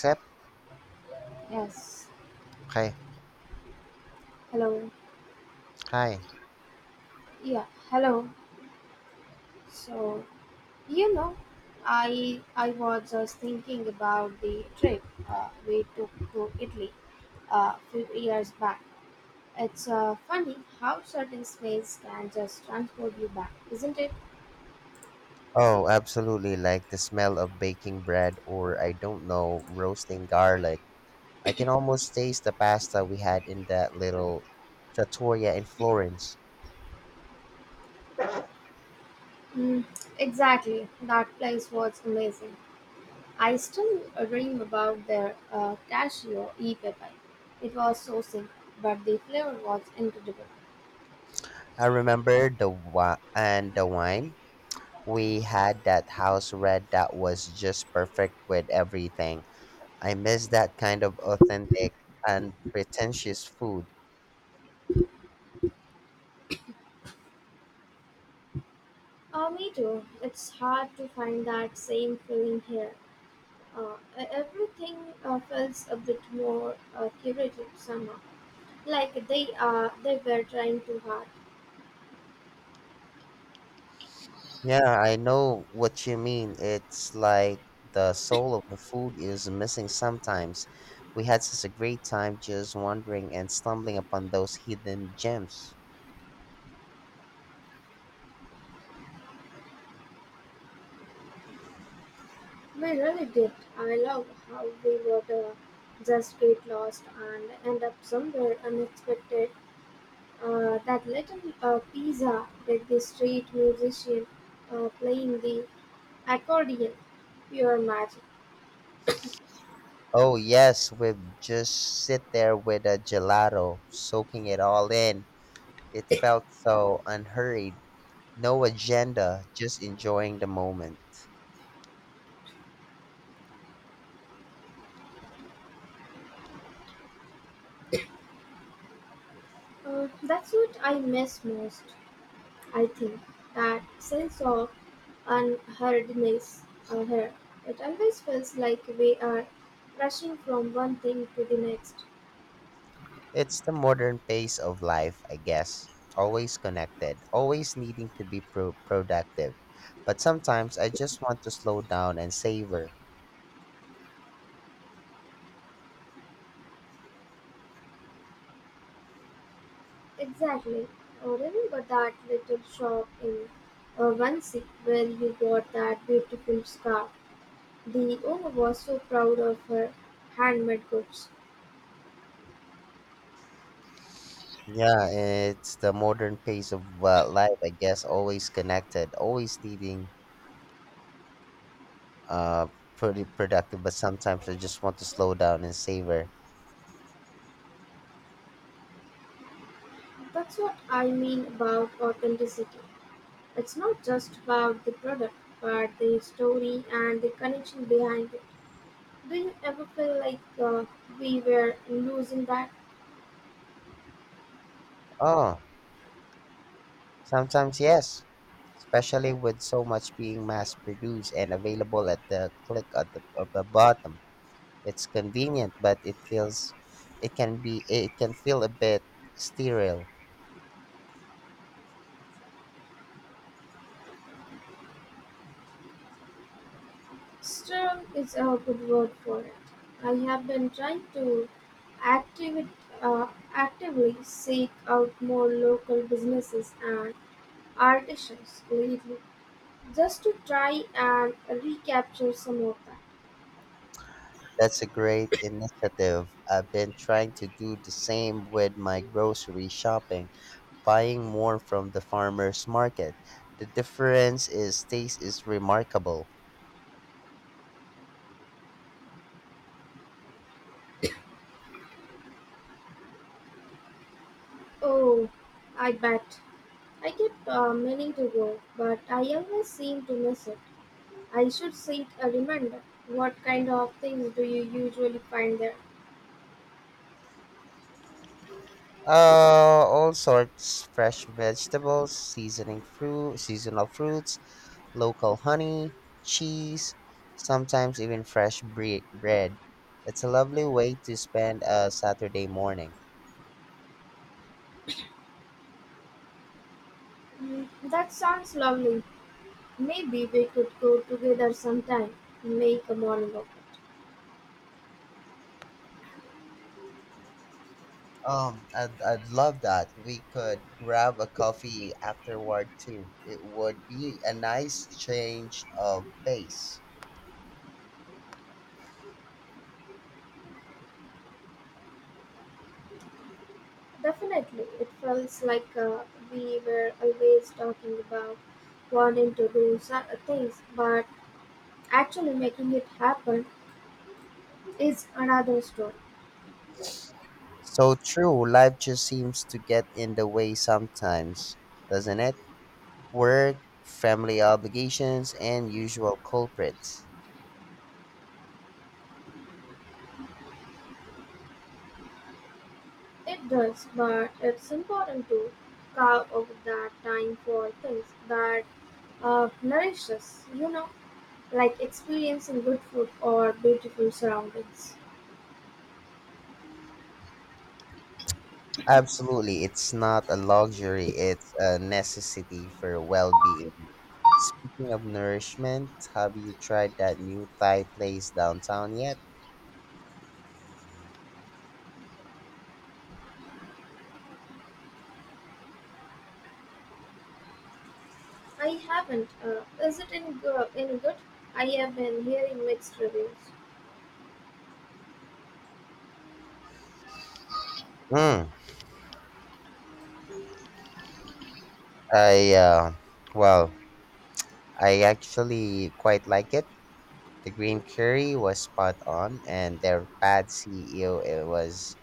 Except Yes. cry. Hello. Cry. Yeah. Hello. So, you know, I I was just thinking about the trip we took to Italy a few years back. It's funny how certain space can just transport you back, isn't it? Oh, absolutely. Like the smell of baking bread or, I don't know, roasting garlic. I can almost taste the pasta we had in that little trattoria in Florence. Mm, exactly. That place was amazing. I still dream about their cashew e pepe. It was so simple, but the flavor was incredible. I remember and the wine. We had that house red that was just perfect with everything. I miss that kind of authentic and pretentious food. Me too. It's hard to find that same feeling here. Everything feels a bit more curated somehow. Like they were trying too hard. Yeah, I know what you mean. It's like the soul of the food is missing sometimes. We had such a great time just wandering and stumbling upon those hidden gems. We really did. I love how we would just get lost and end up somewhere unexpected. That little pizza with the street musician playing the accordion, pure magic. Oh, yes, we'd just sit there with a gelato, soaking it all in. It felt so unhurried, no agenda, just enjoying the moment. That's what I miss most. I think that sense of unhurriedness here. It always feels like we are rushing from one thing to the next. It's the modern pace of life, I guess. Always connected, always needing to be productive. But sometimes I just want to slow down and savor. Exactly. Or remember that little shop in Wansi where you got that beautiful scarf. The owner was so proud of her handmade goods. Yeah, it's the modern pace of life, I guess. Always connected, always needing uh pretty productive, but sometimes I just want to slow down and savor. That's what I mean about authenticity. It's not just about the product, but the story and the connection behind it. Do you ever feel like we were losing that? Oh, sometimes yes, especially with so much being mass produced and available at the of the bottom. It's convenient, but it can feel a bit sterile. Strong is a good word for it. I have been trying to active, uh, actively seek out more local businesses and artisans lately just to try and recapture some of that. That's a great initiative. I've been trying to do the same with my grocery shopping, buying more from the farmers market. The difference is taste is remarkable. Oh, I bet. I keep meaning to go, but I always seem to miss it. I should send a reminder. What kind of things do you usually find there? All sorts fresh vegetables, seasonal fruits, local honey, cheese, sometimes even fresh bread. It's a lovely way to spend a Saturday morning. Mm, that sounds lovely. Maybe we could go together sometime and make a morning of it. I'd love that. We could grab a coffee afterward too. It would be a nice change of pace. Definitely. It feels like we were always talking about wanting to do some things, but actually making it happen is another story. So true. Life just seems to get in the way sometimes, doesn't it? Work, family obligations, and usual culprits. It does, but it's important to carve out that time for things that nourish us, you know, like experiencing good food or beautiful surroundings. Absolutely. It's not a luxury, it's a necessity for well being. Speaking of nourishment, have you tried that new Thai place downtown yet? I haven't. Is it any good? I have been hearing mixed reviews. Mm, I, uh, well, I actually quite like it. The green curry was spot on, and their pad see ew, it was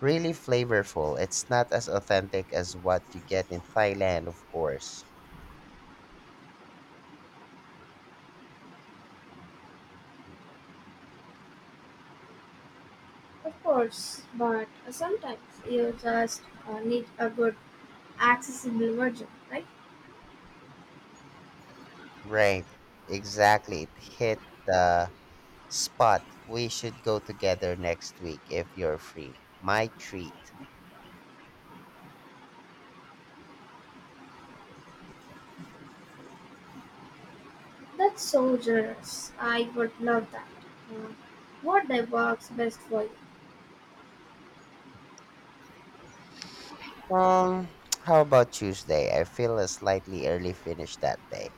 really flavorful. It's not as authentic as what you get in Thailand, of course. Of course, but sometimes you just need a good, accessible version, right? Right, exactly. It hit the spot. We should go together next week if you're free. My treat. That's so generous. I would love that. Uh, what day works best for you? Um, how about Tuesday? I feel a slightly early finish that day.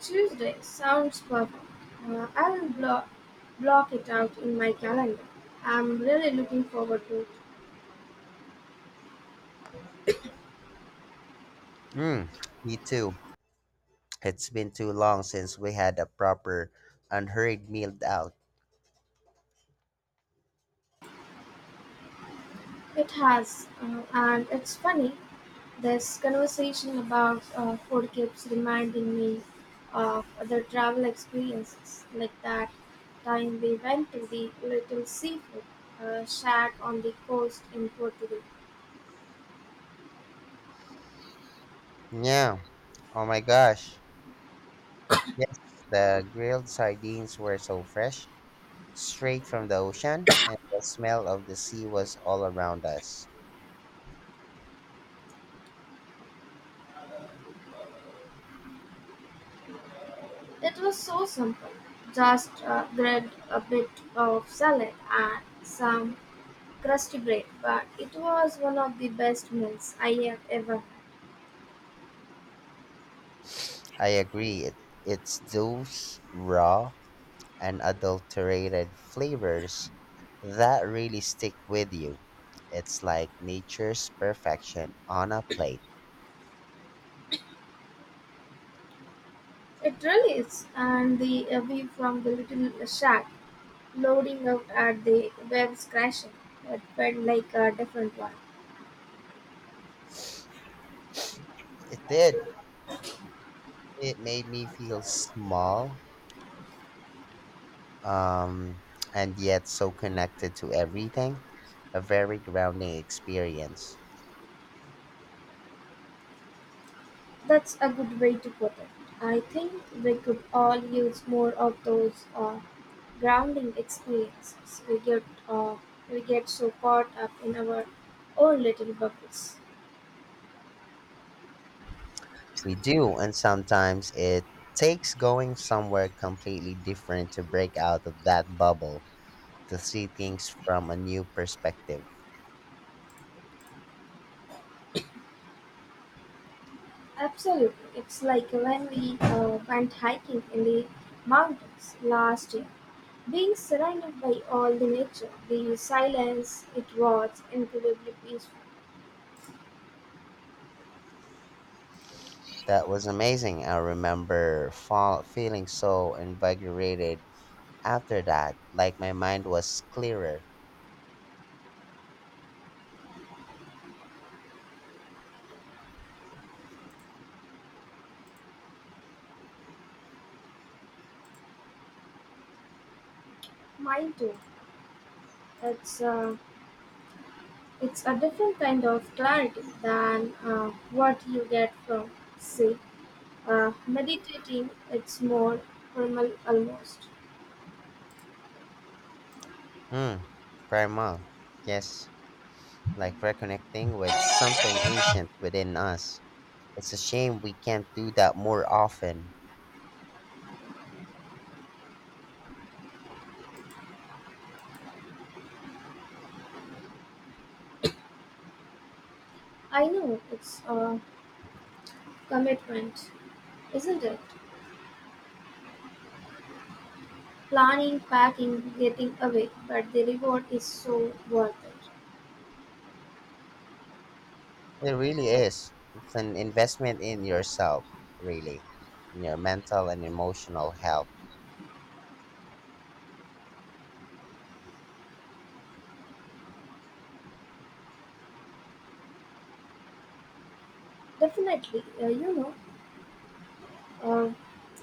Tuesday sounds perfect. I'll block it out in my calendar. I'm really looking forward to it. Mm, me too. It's been too long since we had a proper, unhurried meal out. It has, and it's funny. This conversation about food keeps reminding me of other travel experiences, like that time we went to the little seafood shack on the coast in Portugal. Yeah. Oh my gosh. Yes, the grilled sardines were so fresh, straight from the ocean, and the smell of the sea was all around us. It was so simple, just grabbed a bit of salad and some crusty bread, but it was one of the best meals I have ever had. I agree. It's those raw and adulterated flavors that really stick with you. It's like nature's perfection on a plate. It really is, and the view from the little shack loading out at the web's crashing. It felt like a different one. It did. It made me feel small um, and yet so connected to everything. A very grounding experience. That's a good way to put it. I think we could all use more of those grounding experiences. Uh, we get so caught up in our own little bubbles. We do, and sometimes it takes going somewhere completely different to break out of that bubble to see things from a new perspective. Absolutely, it's like when we went hiking in the mountains last year. Being surrounded by all the nature, the silence, it was incredibly peaceful. That was amazing. I remember feeling so invigorated after that, like my mind was clearer. Mine too. It's uh, it's a different kind of clarity than what you get from, say, meditating. It's more formal almost. Hmm, primal. Yes, like reconnecting with something ancient within us. It's a shame we can't do that more often. I know it's a commitment, isn't it? Planning, packing, getting away, but the reward is so worth it. It really is. It's an investment in yourself, really, in your mental and emotional health. Definitely, uh,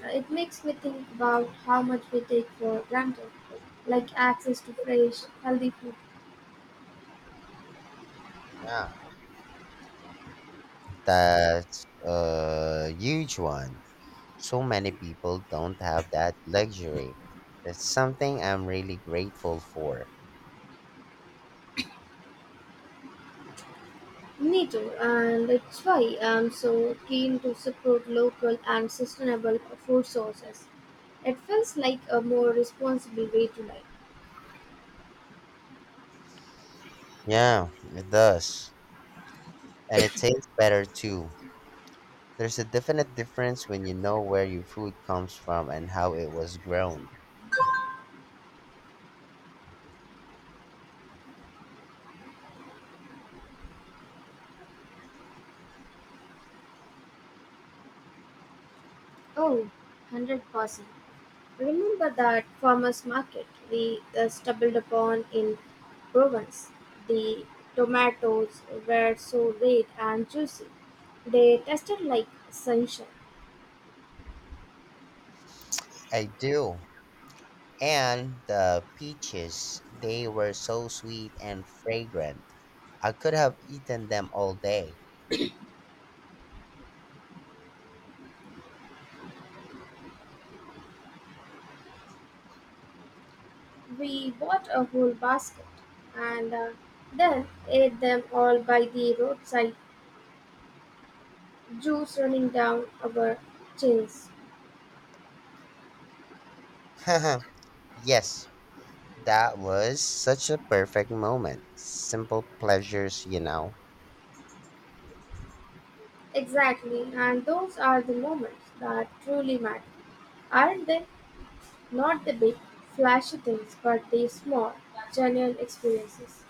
it makes me think about how much we take for granted, like access to fresh, healthy food. Yeah, that's a huge one. So many people don't have that luxury. That's something I'm really grateful for. Me too, and it's why I'm so keen to support local and sustainable food sources. It feels like a more responsible way to life. Yeah, it does. And it tastes better too. There's a definite difference when you know where your food comes from and how it was grown. Oh, 100%. Remember that farmers market we stumbled upon in Provence. The tomatoes were so red and juicy. They tasted like sunshine. I do. And the peaches, they were so sweet and fragrant. I could have eaten them all day. We bought a whole basket and then ate them all by the roadside, juice running down our chins. Yes, that was such a perfect moment. Simple pleasures, you know. Exactly, and those are the moments that truly matter, aren't they? Not the big, flashy things, but the small, genuine experiences.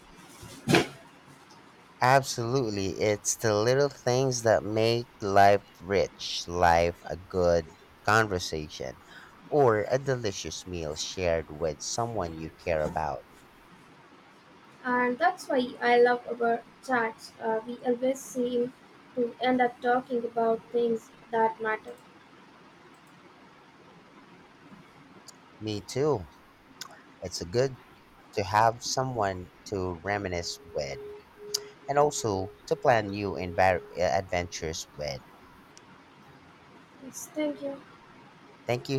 Absolutely. It's the little things that make life rich, life a good conversation, or a delicious meal shared with someone you care about. And that's why I love our chats. We always seem to end up talking about things that matter. Me too. It's good to have someone to reminisce with and also to plan adventures with. Yes, thank you. Thank you